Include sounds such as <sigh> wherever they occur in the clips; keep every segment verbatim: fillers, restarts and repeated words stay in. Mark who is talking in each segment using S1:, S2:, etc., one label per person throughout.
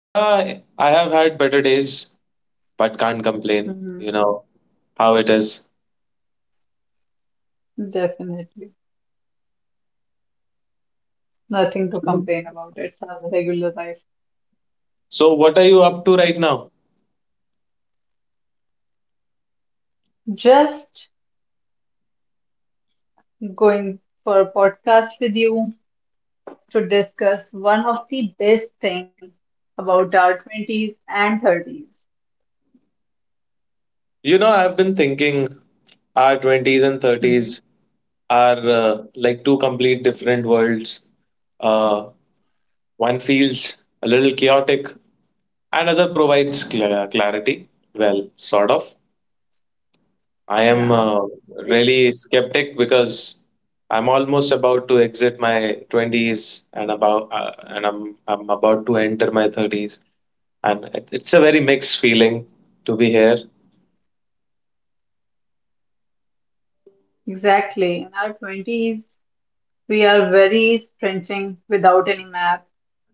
S1: Uh, I have had better days, but can't complain. You
S2: Hmm.
S1: know how it is.
S2: Definitely. Nothing to complain about. It's our regular life.
S1: So, what are you up to right now?
S2: Just going for a podcast with you to discuss one of the best thing about our twenties and thirties.
S1: You know, I've been thinking our twenties and
S2: Hmm.
S1: thirties are uh, like two complete different worlds. Uh, One feels a little chaotic, another provides cla clarity. Well, sort of. I am
S2: Yeah,
S1: uh,
S2: e-
S1: really skeptic because I'm almost about to exit my twenties and about uh, and I'm I'm about to enter my thirties, and it, it's a very mixed feeling to be here.
S2: exactly. In our twenties, we are very sprinting without any map.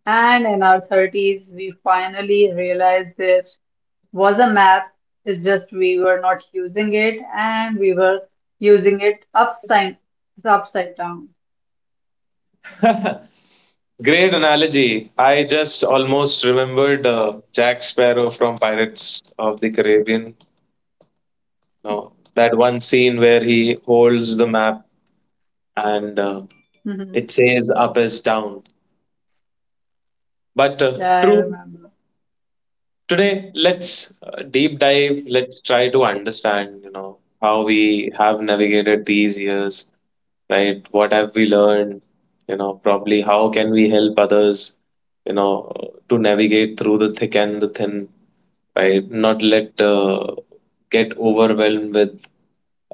S2: And in our thirties, we finally realize that. Was a map. It's just we were not using it and we were using it upside upside down.
S1: <laughs> Great analogy. I just almost remembered uh, Jack Sparrow from Pirates of the Caribbean. No, that one scene where he holds the map and uh, it
S2: <laughs>
S1: says up is down. But
S2: Yeah,
S1: uh,
S2: I
S1: true.
S2: remember.
S1: Today, let's uh, deep dive. Let's try to understand, you know, how we have navigated these years, right? What have we learned? You know, probably how can we help others, you know, to navigate through the thick and the thin, right? Not let uh, get overwhelmed with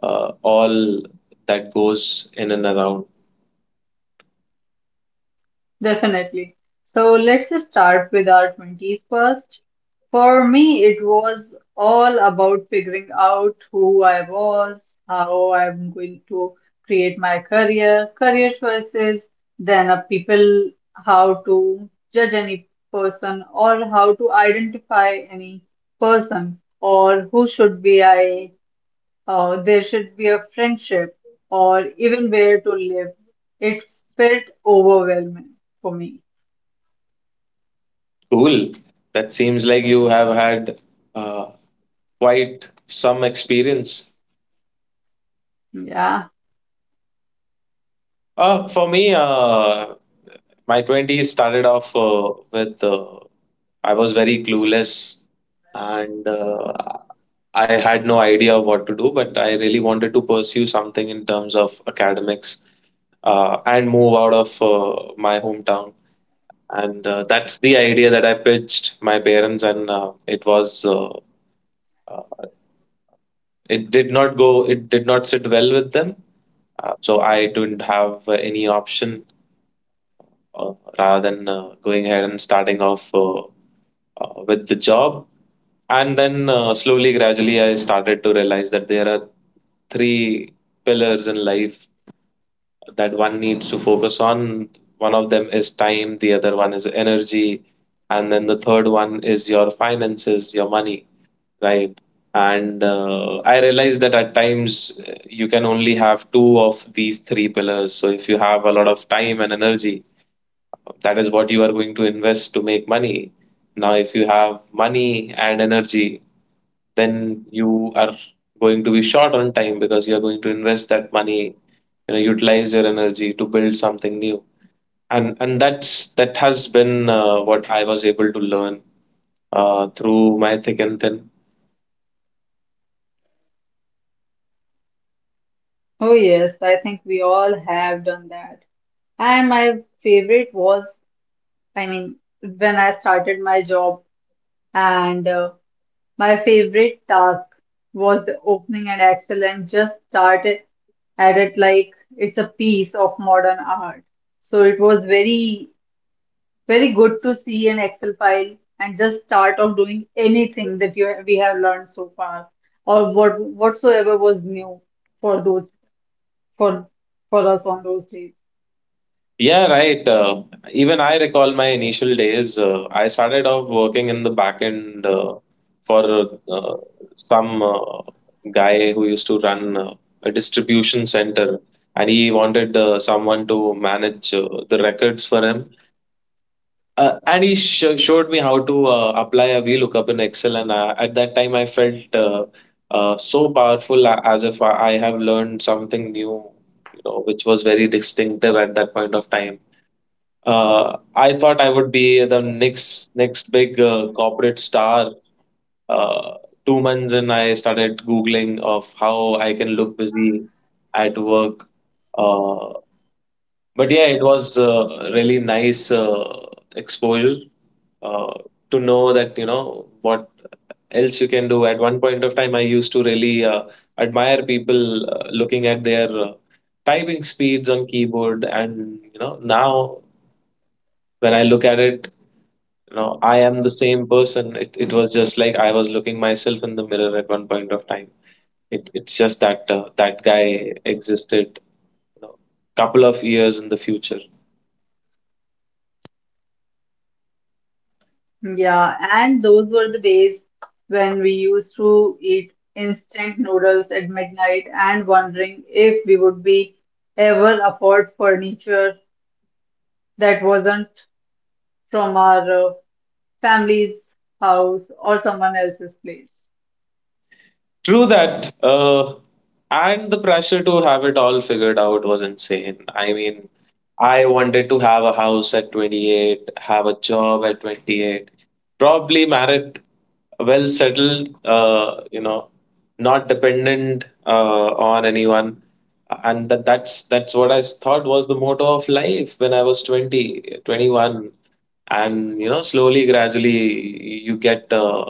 S1: uh, all that goes in and around.
S2: Definitely. So let's just start with our twenties first. For me, it was all about figuring out who I was, how I'm going to create my career, career choices, then of people, how to judge any person or how to identify any person or who should be I, uh, there should be a friendship or even where to live. It felt overwhelming for me.
S1: Cool. That seems like you have had uh, quite some experience.
S2: Yeah.
S1: Uh, for me, uh, My twenties started off uh, with uh, I was very clueless, and uh, I had no idea of what to do, but I really wanted to pursue something in terms of academics, uh, and move out of uh, my hometown. And uh, that's the idea that I pitched my parents, and uh, it was uh, uh, it did not go, it did not sit well with them. Uh, so I didn't have uh, any option uh, rather than uh, going ahead and starting off uh, uh, with the job. And then uh, slowly, gradually, I started to realize that there are three pillars in life that one needs to focus on. One of them is time, the other one is energy, and then the third one is your finances, your money, right? And uh, I realized that at times uh, you can only have two of these three pillars. So if you have a lot of time and energy, that is what you are going to invest to make money. Now, if you have money and energy, then you are going to be short on time because you are going to invest that money, you know, utilize your energy to build something new. And and that's that has been uh, what I was able to learn uh, through my thick and thin.
S2: Oh, yes. I think we all have done that. And my favorite was, I mean, when I started my job, and uh, my favorite task was the opening an Excel and just started at it like it's a piece of modern art. So it was very, very good to see an Excel file and just start off doing anything that you we have learned so far or what whatsoever was new for those for for us on those days.
S1: Yeah, right. Uh, even I recall my initial days. Uh, I started off working in the back end uh, for uh, some uh, guy who used to run uh, a distribution center, and he wanted uh, someone to manage uh, the records for him. Uh, and he sh- showed me how to uh, apply a VLOOKUP in Excel, and uh, at that time I felt uh, uh, so powerful, a- as if I I have learned something new, you know, which was very distinctive at that point of time. Uh, I thought I would be the next next big uh, corporate star. Uh, Two months in, I started Googling of how I can look busy at work. Uh, but yeah, it was uh, really nice uh, exposure uh, to know that you know what else you can do. At one point of time, I used to really uh, admire people uh, looking at their uh, typing speeds on keyboard. And you know now when I look at it, you know i am the same person. It, it was just like i was looking myself in the mirror at one point of time. It, it's just that uh, that guy existed you know, couple of years in the future.
S2: Yeah, and those were the days when we used to eat instant noodles at midnight and wondering if we would be ever afford furniture that wasn't from our uh, family's house or someone else's place.
S1: True that. Uh, and the pressure to have it all figured out was insane. I mean, I wanted to have a house at twenty-eight, have a job at twenty-eight, probably married, well settled, uh, you know, not dependent uh, on anyone. And that, that's that's what I thought was the motto of life when I was twenty, twenty one. And you know slowly, gradually, you get uh,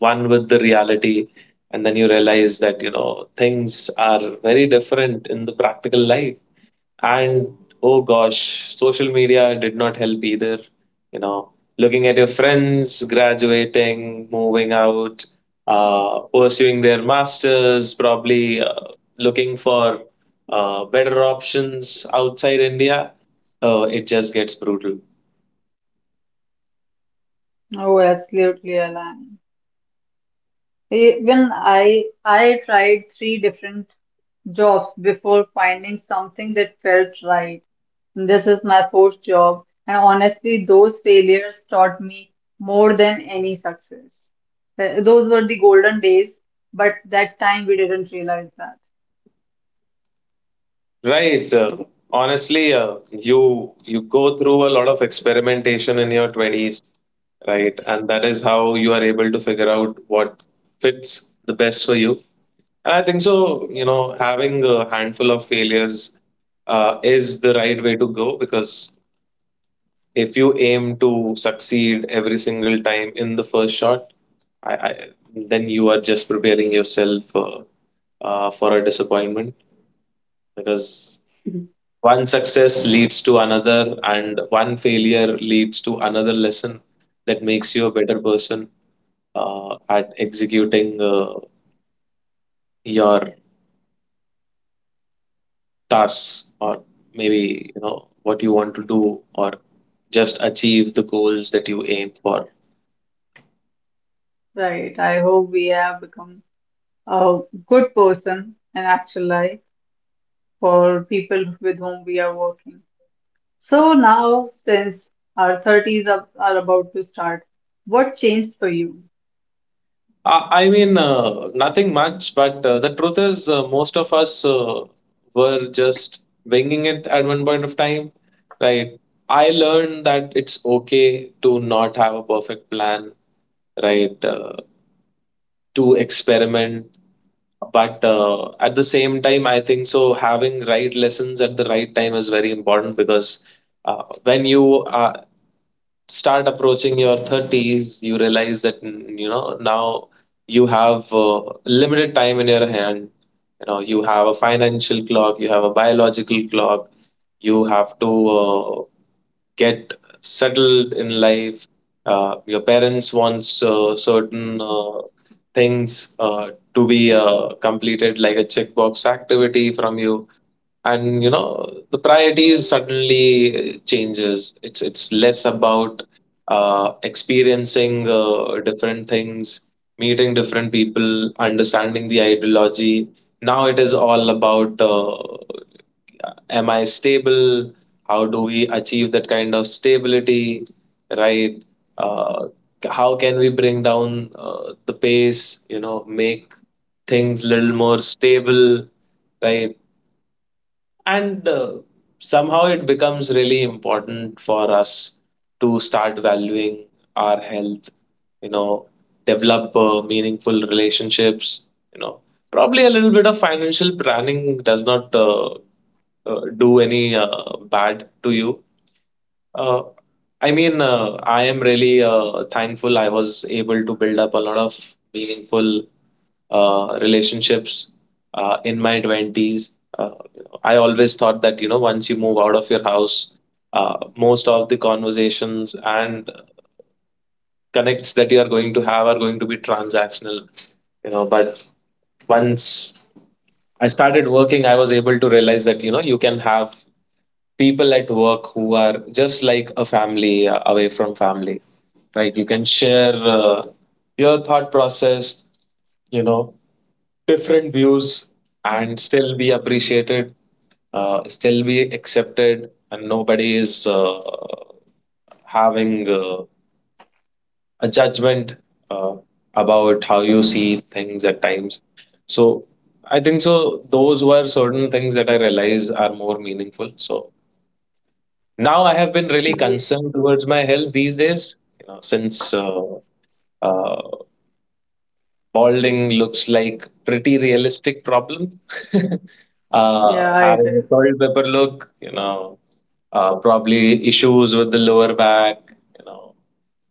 S1: one with the reality, and then you realize that you know things are very different in the practical life. And oh gosh, social media did not help either, you know looking at your friends graduating, moving out, uh, pursuing their masters, probably uh, looking for uh, better options outside india. Uh, it just gets brutal.
S2: Oh, absolutely, Alan. Even I I tried three different jobs before finding something that felt right. This is my fourth job, and honestly, those failures taught me more than any success. Th- Those were the golden days, but that time we didn't realize that.
S1: Right. Uh, honestly, uh, you you go through a lot of experimentation in your twenties, right? And that is how you are able to figure out what fits the best for you. And I think so, you know, having a handful of failures uh, is the right way to go, because if you aim to succeed every single time in the first shot, I, I then you are just preparing yourself uh, uh, for a disappointment, because
S2: Mhm.
S1: one success leads to another, and one failure leads to another lesson that makes you a better person uh, at executing uh, your tasks, or maybe you know what you want to do, or just achieve the goals that you aim for.
S2: Right. I hope we have become a good person in actual life for people with whom we are working. So now, since our thirties are, are about to start, what changed for you?
S1: I, I mean, uh, nothing much, but uh, the truth is, uh, most of us uh, were just winging it at one point of time, right? I learned that it's okay to not have a perfect plan, right? Uh, to experiment. But uh, at the same time, I think so, having right lessons at the right time is very important, because uh, when you uh, start approaching your thirties, you realize that, mm, you know, now you have uh, limited time in your hand. You know, you have a financial clock, you have a biological clock, you have to uh, get settled in life. Uh, your parents wants uh, certain uh, things uh, to be uh, completed, like a checkbox activity from you, and you know the priorities suddenly changes. It's it's less about uh, experiencing uh, different things, meeting different people, understanding the ideology. Now it is all about uh, am i stable? How do we achieve that kind of stability, right? uh, how can we bring down uh, the pace you know make things little more stable, right? And uh, somehow it becomes really important for us to start valuing our health you know develop uh, meaningful relationships you know probably a little bit of financial planning does not uh, uh, do any uh, bad to you. uh, i mean, uh, i am really uh, thankful. I was able to build up a lot of meaningful uh, relationships uh, in my twenties. Uh, I always thought that, you know, once you move out of your house, uh, most of the conversations and connects that you are going to have are going to be transactional, you know. But once I started working, I was able to realize that, you know, you can have people at work who are just like a family uh, away from family, right? You can share uh, your thought process, you know different views, and still be appreciated, uh, still be accepted, and nobody is uh, having uh, a judgment uh, about how you see things at times. So I think so. Those were certain things that I realize are more meaningful. So now I have been really
S2: Mhm.
S1: concerned towards my health these days. You know, since uh, uh, balding looks like pretty realistic problem. <laughs> Uh,
S2: Yeah,
S1: having a
S2: it
S1: salt
S2: is.
S1: pepper look, you know, uh, probably issues with the lower back, you know,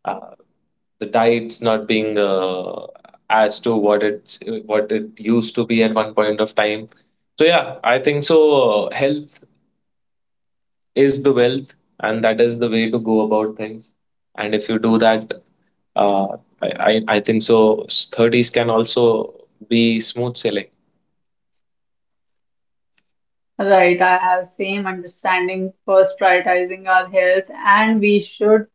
S1: uh, the diet's not being uh, as to what it's what it used to be at one point of time. So yeah, I think so. Uh, Health is the wealth, and that is the way to go about things. And if you do that, uh, I, I I think so. thirties can also be smooth sailing.
S2: Right, I have same understanding. First, prioritizing our health, and we should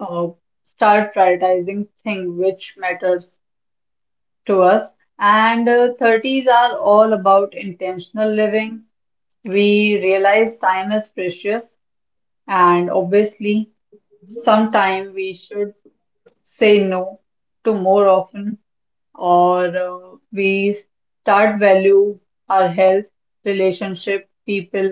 S2: uh, start prioritizing thing which matters to us. And uh, thirties are all about intentional living. We realize time is precious, and obviously, sometime we should say no to more often. or uh, we start value our health, relationship, people,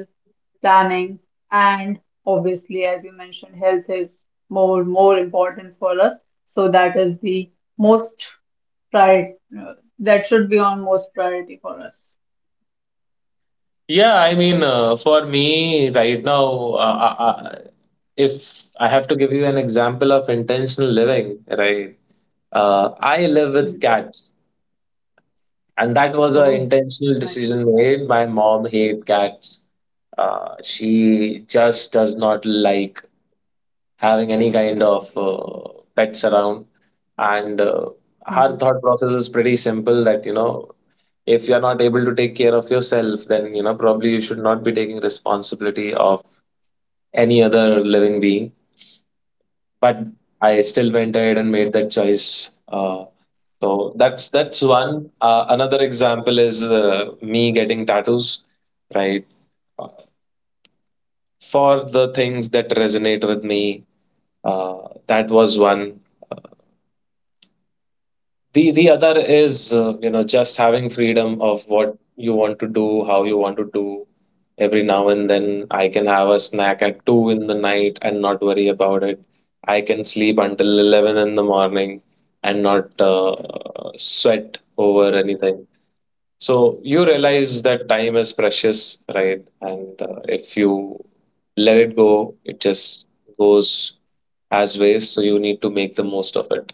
S2: planning, and obviously, as you mentioned, health is more more important for us. So that is the most priority that should be on most priority for us.
S1: Yeah, I mean, uh, for me right now, uh, uh, uh, if I have to give you an example of intentional living, right? Uh, I live with
S2: Mhm.
S1: cats, and that was an
S2: Oh, that's
S1: intentional
S2: nice.
S1: decision made. My mom hates cats. Uh, she just does not like having any kind of uh, pets around, and uh, her thought process is pretty simple, that you know if you're not able to take care of yourself, then you know probably you should not be taking responsibility of any other living being. But i still went ahead and made that choice. Uh, so that's that's one. Uh, another example is uh, me getting tattoos, right. Uh, for the things that resonate with me, uh, that was one. The the other is uh, you know just having freedom of what you want to do, how you want to do. Every now and then, I can have a snack at two in the night and not worry about it. I can sleep until eleven in the morning and not uh, sweat over anything. So you realize that time is precious, right? And uh, if you let it go, it just goes as waste. So you need to make the most of it.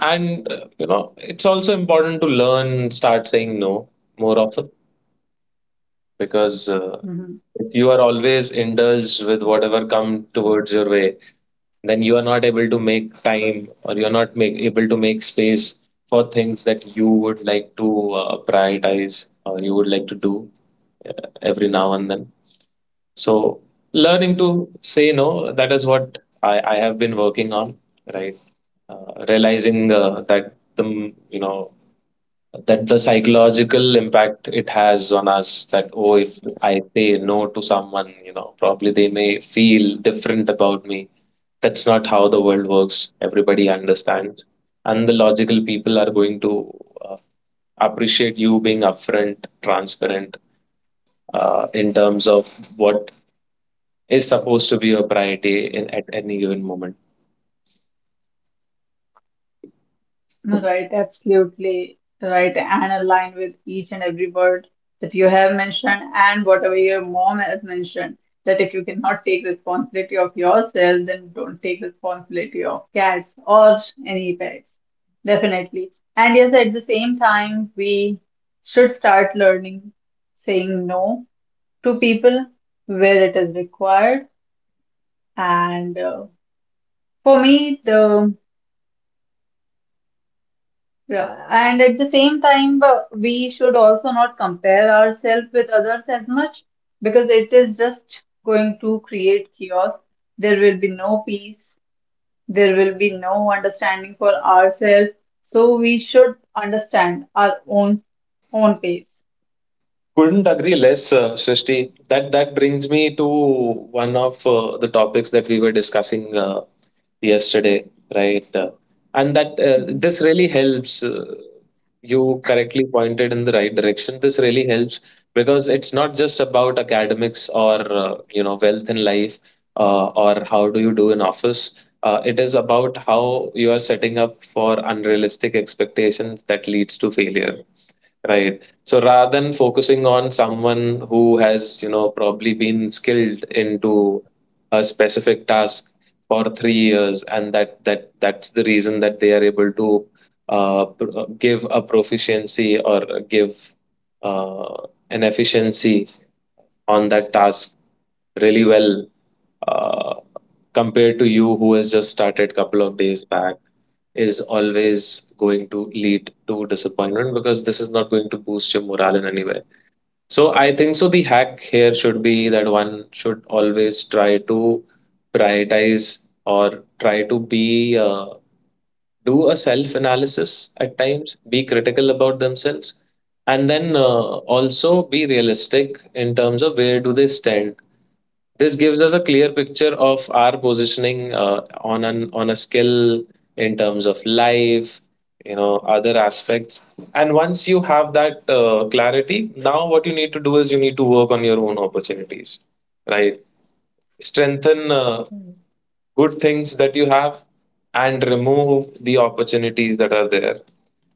S1: And uh, you know, it's also important to learn, start saying no more often because uh,
S2: Hmm.
S1: if you are always indulged with whatever come towards your way, then you are not able to make time or you're not make, able to make space for things that you would like to uh, prioritize or you would like to do uh, every now and then. So learning to say no, that is what I, I have been working on, right? Uh, realizing uh, that the m- you know that the psychological impact it has on us. That, oh, if i say no to someone, you know probably they may feel different about me. That's not how the world works. Everybody understands, and the logical people are going to uh, appreciate you being upfront, transparent, uh, in terms of what is supposed to be your priority in at any given moment.
S2: No, right, absolutely right, and align with each and every word that you have mentioned, and whatever your mom has mentioned. That if you cannot take responsibility of yourself, then don't take responsibility of cats or any pets. Definitely. And yes, at the same time, we should start learning saying no to people where it is required. And uh, for me, the Yeah, and at the same time, uh, we should also not compare ourselves with others as much because it is just going to create chaos. There will be no peace, there will be no understanding for ourselves. So we should understand our own own pace.
S1: Couldn't agree less, uh, Srishti. that that brings me to one of uh, the topics that we were discussing uh, yesterday, right? Uh, and that, uh,
S2: Mhm.
S1: this really helps. Uh, you correctly pointed in the right direction. This really helps because it's not just about academics or uh, you know wealth in life, uh, or how do you do in office. Uh, it is about how you are setting up for unrealistic expectations that leads to failure. Right. So rather than focusing on someone who has, you know, probably been skilled into a specific task for three years, and that that that's the reason that they are able to uh, pr- uh, give a proficiency or give uh, an efficiency on that task really well. Uh, compared to you who has just started couple of days back is always going to lead to disappointment because this is not going to boost your morale in any way. So I think so the hack here should be that one should always try to prioritize or try to be uh, do a self analysis at times, be critical about themselves, and then uh, also be realistic in terms of where do they stand. This gives us a clear picture of our positioning uh, on an on a skill in terms of life, you know, other aspects. And once you have that uh, clarity, now what you need to do is you need to work on your own opportunities, right? Strengthen uh,
S2: Hmm.
S1: good things that you have, and remove the opportunities that are there,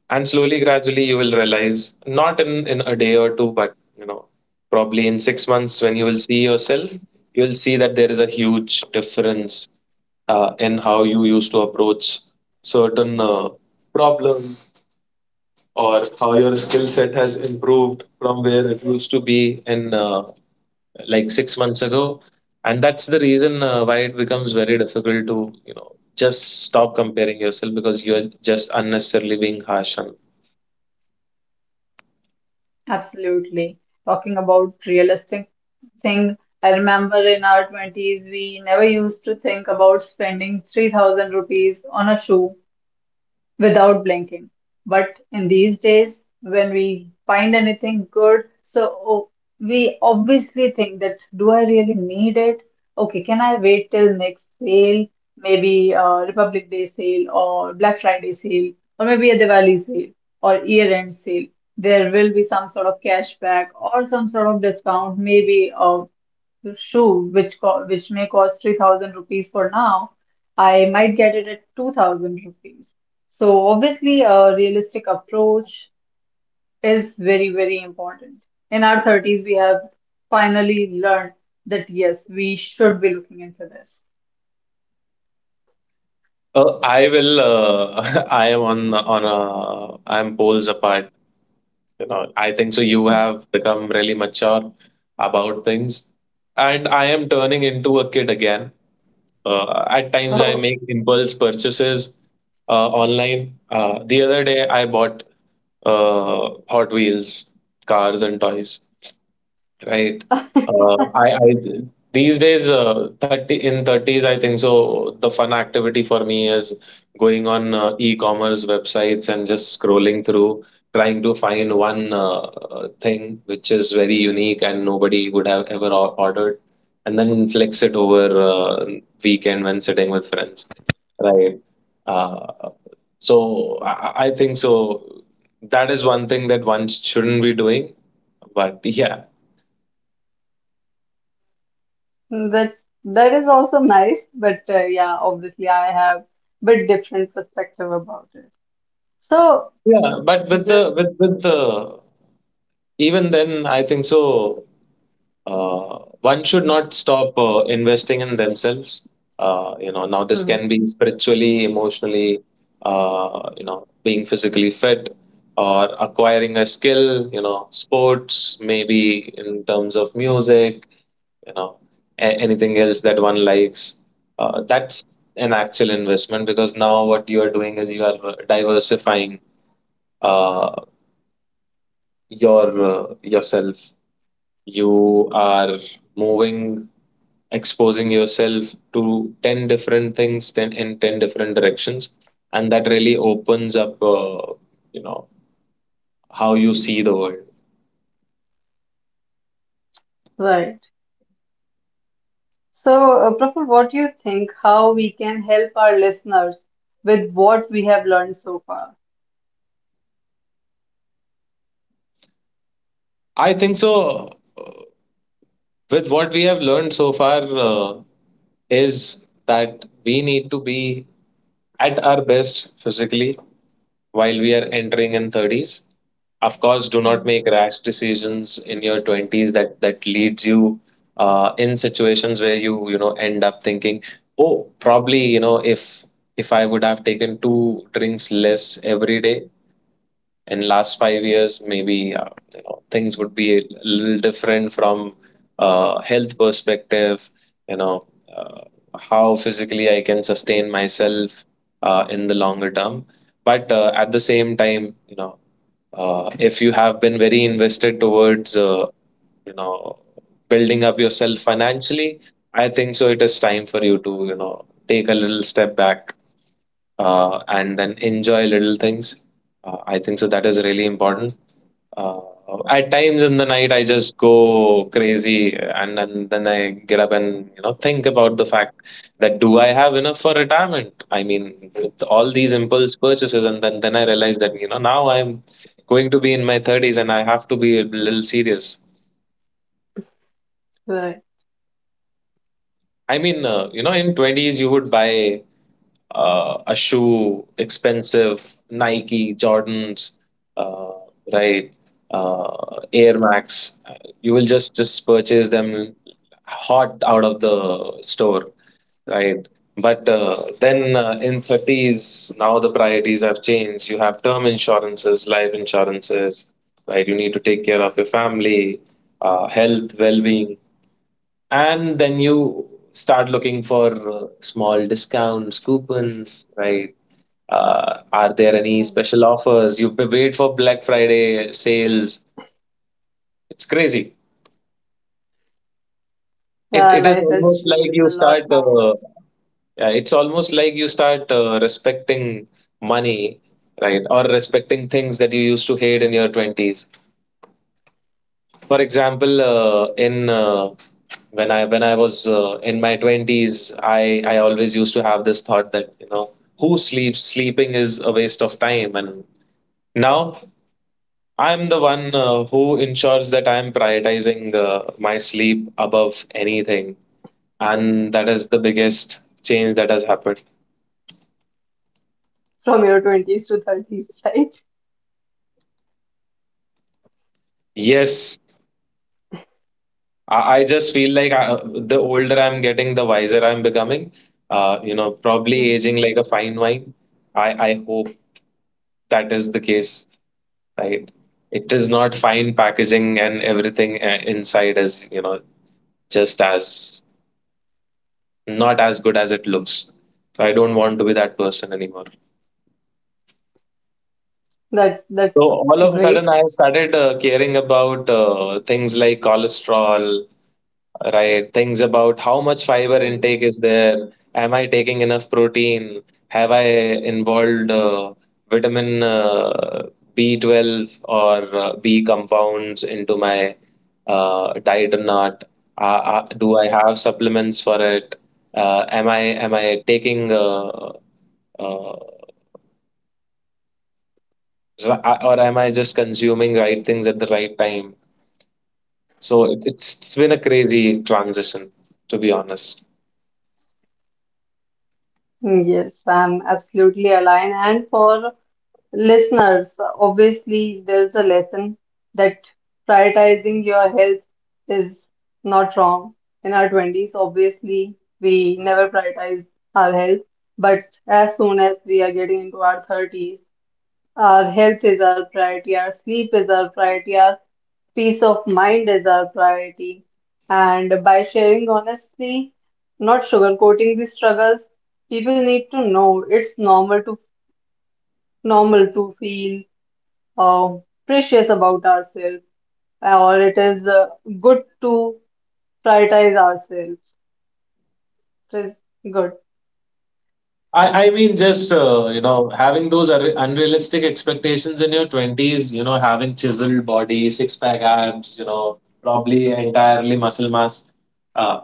S1: and slowly gradually you will realize, not in, in a day or two, but you know probably in six months, when you will see yourself, you will see that there is a huge difference uh, in how you used to approach certain uh, problem, or how your skill set has improved from where it used to be in, uh, like six months ago. And that's the reason uh, why it becomes very difficult to, you know, just stop comparing yourself, because you're just unnecessarily being harsh on.
S2: Absolutely. Talking about realistic thing, I remember in our twenties, we never used to think about spending three thousand rupees on a shoe without blinking. But in these days, when we find anything good, so oh, we obviously think that do I really need it? Okay, can I wait till next sale? Maybe uh, Republic Day sale or Black Friday sale or maybe a Diwali sale or year-end sale. There will be some sort of cashback or some sort of discount, maybe uh, shoe, which co which may cost three thousand rupees for now, I might get it at two thousand rupees. So obviously, a realistic approach is very, very important. In our thirties, we have finally learned that yes, we should be looking into this.
S1: Uh, I will. Uh, <laughs> I am on on a. I'm poles apart. You know. I think so. You
S2: <laughs>
S1: have become really mature about things, and I am turning into a kid again. Uh, at
S2: Hmm.
S1: times, I
S2: Oh,
S1: make impulse purchases uh, online. Uh, the other day, I bought uh, Hot Wheels, cars and toys, right? Uh, I, I these days, uh, thirty in thirties, I think so. The fun activity for me is going on uh, e-commerce websites and just scrolling through, trying to find one uh, thing which is very unique and nobody would have ever or- ordered, and then flex it over uh, weekend when sitting with friends, right? Uh, so I, I think so. That is one thing that one shouldn't be doing. But <laughs> yeah,
S2: that's that is also nice, but uh, yeah, obviously, I have bit different perspective about it. So
S1: yeah. But with
S2: just
S1: the with with the even then, I think so. Uh, one should not stop uh, investing in themselves. Uh, you know, now this
S2: Hmm,
S1: can be spiritually, emotionally, uh, you know, being physically fit, or acquiring a skill. You know, sports, maybe in terms of music, you know a- anything else that one likes, uh, that's an actual investment, because now what you are doing is you are uh, diversifying uh, your uh, yourself. You are moving exposing yourself to ten different things, ten in ten different directions, and that really opens up uh, you know how you see the world.
S2: right. So, uh, Praful, what do you think? How we can help our listeners with what we have learned so far?
S1: I think so, uh, with what we have learned so far, uh, is that we need to be at our best physically while we are entering in thirties. Of course, do not
S2: Mm.
S1: make rash decisions in your twenties, that that leads you, uh, in situations where you you know end up thinking, oh, probably, you know if if i would have taken two drinks less every day in last five years, maybe, uh, you know things would be a little different from uh, health perspective, you know uh, how physically i can sustain myself uh, in the longer term. But uh, at the same time, you know uh, if you have been very invested towards, uh, you know building up yourself financially, I think so it is time for you to, you know take a little step back, uh, and then enjoy little things. uh, I think so that is really important. Uh, at times in the night, I just go crazy, and, and then I get up and you know think about the fact that, do I have enough for retirement? I mean, with all these impulse purchases, and then then I realize that you know now I'm going to be in my thirties, and I have to be a little serious.
S2: Right.
S1: I mean, uh, you know, in twenties you would buy uh, a shoe, expensive Nike, Jordans, uh, right? Uh, Air Max. You will just just purchase them hot out of the store, right? But uh, then uh, in thirties, now the priorities have changed. You have term insurances, life insurances, right? You need to take care of your family, uh, health, well being. And then you start looking for uh, small discounts, coupons, right? Uh, are there any
S2: Right.
S1: special offers? You p- wait for Black Friday sales. It's crazy. It,
S2: Yeah,
S1: it is
S2: life has
S1: almost like
S2: changed
S1: you
S2: a
S1: start
S2: lot now
S1: uh, yeah, it's almost like you start uh, respecting money, right? Or respecting things that you used to hate in your twenties. For example, uh, in uh, when I when I was uh, in my twenties, I I always used to have this thought that, you know, who sleeps? Sleeping is a waste of time. And now I'm the one uh, who ensures that I'm prioritizing uh, my sleep above anything. And that is the biggest change that has happened.
S2: from your twenties to thirties, <laughs> right?
S1: Yes, I, I just feel like I, the older I'm getting, the wiser I'm becoming. Uh, you know, probably
S2: Mhm.
S1: aging like a fine wine. I, I hope that is the case, right? It is not fine packaging and everything uh, inside is, you know, just as not as good as it looks. So I don't want to be that person anymore.
S2: That's
S1: So
S2: that's
S1: all of a sudden,
S2: great.
S1: I have started uh, caring about uh, things like cholesterol, right? Things about how much fiber
S2: Mm.
S1: intake is there? Am I taking enough protein? Have I involved uh, vitamin, uh, B twelve, or uh, B compounds into my uh, diet or not? Uh, uh, do I have supplements for it? Uh, am I am I taking uh, uh, ra- or am I just consuming right things at the right time? So it, it's it's been a crazy transition, to be honest.
S2: Yes, I'm absolutely aligned. And for listeners, obviously, there's a lesson that prioritizing your health is not wrong. In our twenties, obviously, we never prioritize our health, but as soon as we are getting into our thirties, our health is our priority, our sleep is our priority, our peace of mind is our priority. And by sharing honestly, not sugarcoating the struggles, people need to know it's normal to normal to feel uh, precious about ourselves, or it is uh, good to prioritize ourselves. It is good.
S1: I, I mean, just uh, you know, having those unre- unrealistic expectations in your twenties, you know, having chiseled body, six pack abs, you know, probably entirely muscle mass. Uh,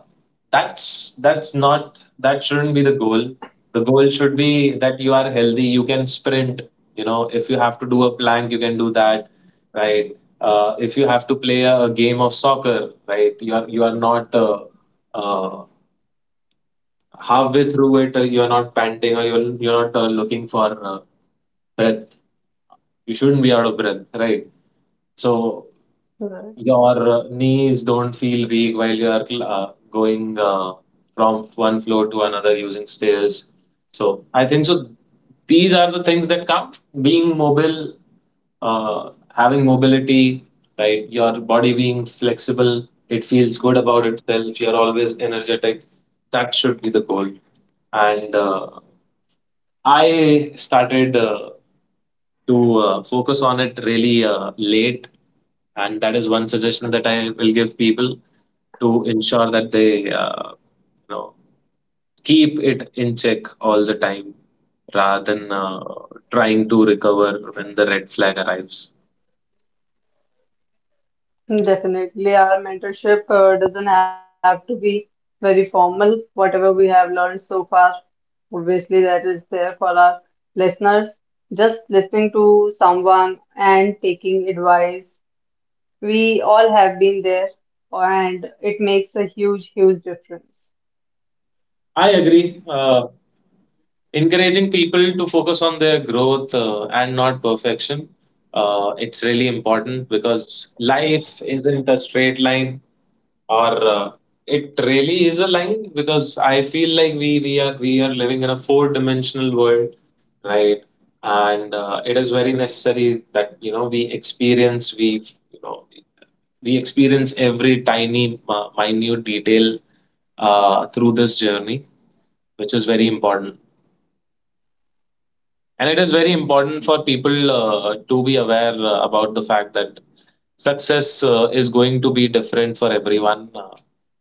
S1: that's that's not that shouldn't be the goal. The goal should be that you are healthy. You can sprint. You know, if you have to do a plank, you can do that, right? Uh, if you have to play a, a game of soccer, right? You are you are not uh, uh, halfway through it, uh, you're not panting or you're, you're not uh, looking for uh, breath. You shouldn't be out of breath, right? So
S2: Right.
S1: your uh, knees don't feel weak while you are uh, going uh, from one floor to another using stairs. So I think so. These are the things that count: being mobile, uh, having mobility, right? Your body being flexible. It feels good about itself. You're always energetic. That should be the goal. And uh, I started uh, to uh, focus on it really uh, late, and that is one suggestion that I will give people, to ensure that they, uh, you know, keep it in check all the time, rather than uh, trying to recover when the red flag arrives.
S2: Definitely, our mentorship uh, doesn't have to be very formal. Whatever we have learned so far, obviously, that is there for our listeners. Just listening to someone and taking advice, we all have been there, and it makes a huge, huge difference.
S1: I agree. Uh, encouraging people to focus on their growth uh, and not perfection. Uh, it's really important because life isn't a straight line. Or uh, it really is a line, because I feel like we we are we are living in a four-dimensional world, right? And uh, it is very necessary that you know we experience, we, you know we experience every tiny uh, minute detail uh, through this journey, which is very important. And it is very important for people uh, to be aware uh, about the fact that success uh, is going to be different for everyone. Uh,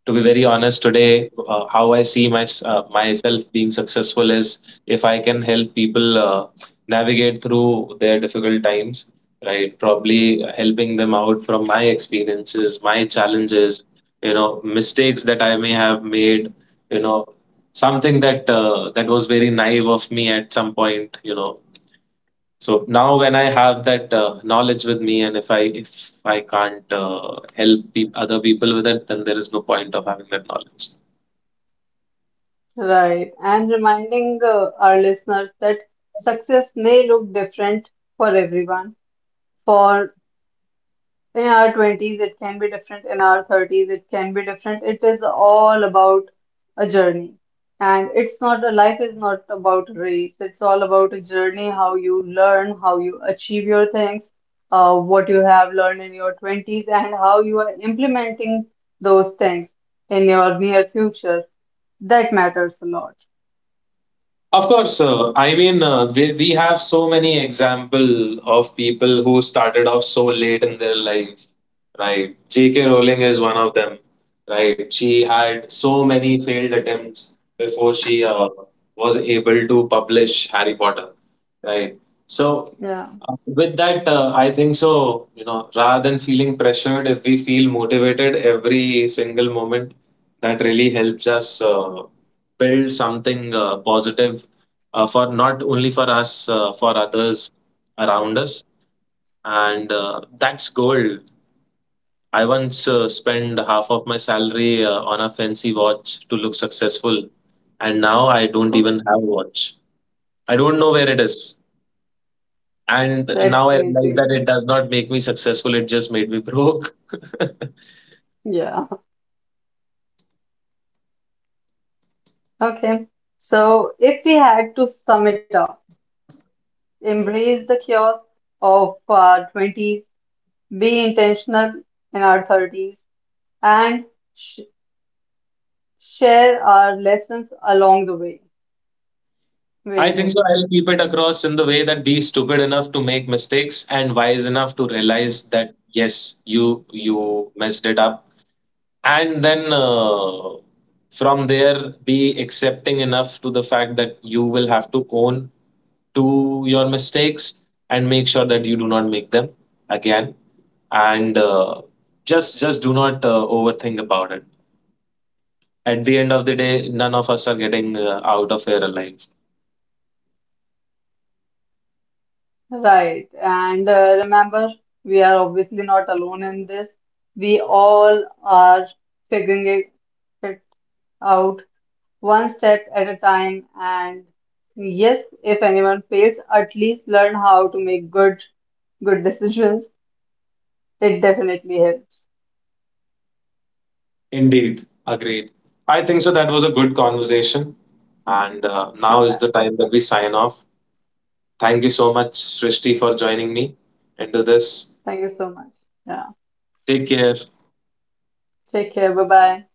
S1: to be very honest, today, uh, how I see my, uh, myself being successful is, if I can help people uh, navigate through their difficult times, right? Probably helping them out from my experiences, my challenges, you know, mistakes that I may have made, you know, something that uh, that was very naive of me at some point. You know so now when I have that uh, knowledge with me, and if I if I can't uh, help pe- other people with it, then there is no point of having that knowledge.
S2: Right, and reminding uh, our listeners that success may look different for everyone. For in our twenties, it can be different, in our thirties, it can be different. It is all about a journey, and it's not a life is not about a race, it's all about a journey, how you learn, how you achieve your things, uh, what you have learned in your twenties, and how you are implementing those things in your near future. That matters a lot.
S1: Of course, uh, I mean, uh, we, we have so many example of people who started off so late in their life, right? J K. Rowling is one of them, right? She had so many failed attempts before she uh, was able to publish Harry Potter, right? So,
S2: Yeah.
S1: uh, with that, uh, I think so, you know, rather than feeling pressured, if we feel motivated every single moment, that really helps us uh, build something uh, positive, uh, for not only for us, uh, for others around us. And uh, that's gold. I once uh, spent half of my salary uh, on a fancy watch to look successful, and now I
S2: <laughs>
S1: don't
S2: Oh,
S1: even have a watch. I don't know where it is. And
S2: that's
S1: now I realize that
S2: crazy.
S1: it does not make me successful, it just made me broke. <laughs>
S2: Yeah. Okay. So, if we had to sum it up, embrace the chaos of our twenties, be intentional in our thirties, and sh share our lessons along the way. Where
S1: I
S2: it
S1: think so.
S2: is.
S1: I'll keep it across in the way that be stupid enough to make mistakes and wise enough to realize that yes, you you messed it up, and then uh, from there be accepting enough to the fact that you will have to own to your mistakes, and make sure that you do not make them again. And uh, just just do not uh, overthink about it. At the end of the day, none of us are getting uh, out of here alive.
S2: Right. And uh, remember, we are obviously not alone in this. We all are figuring it it out one step at a time. And yes, if anyone fails, at least learn how to make good good decisions. It definitely helps.
S1: Indeed, agreed. I think so that was a good conversation, and uh, now is
S2: Yeah.
S1: the time that we sign off. Thank you so much, srishti, for joining me into this.
S2: Thank you so much. Yeah.
S1: Take care.
S2: Take care. Bye bye.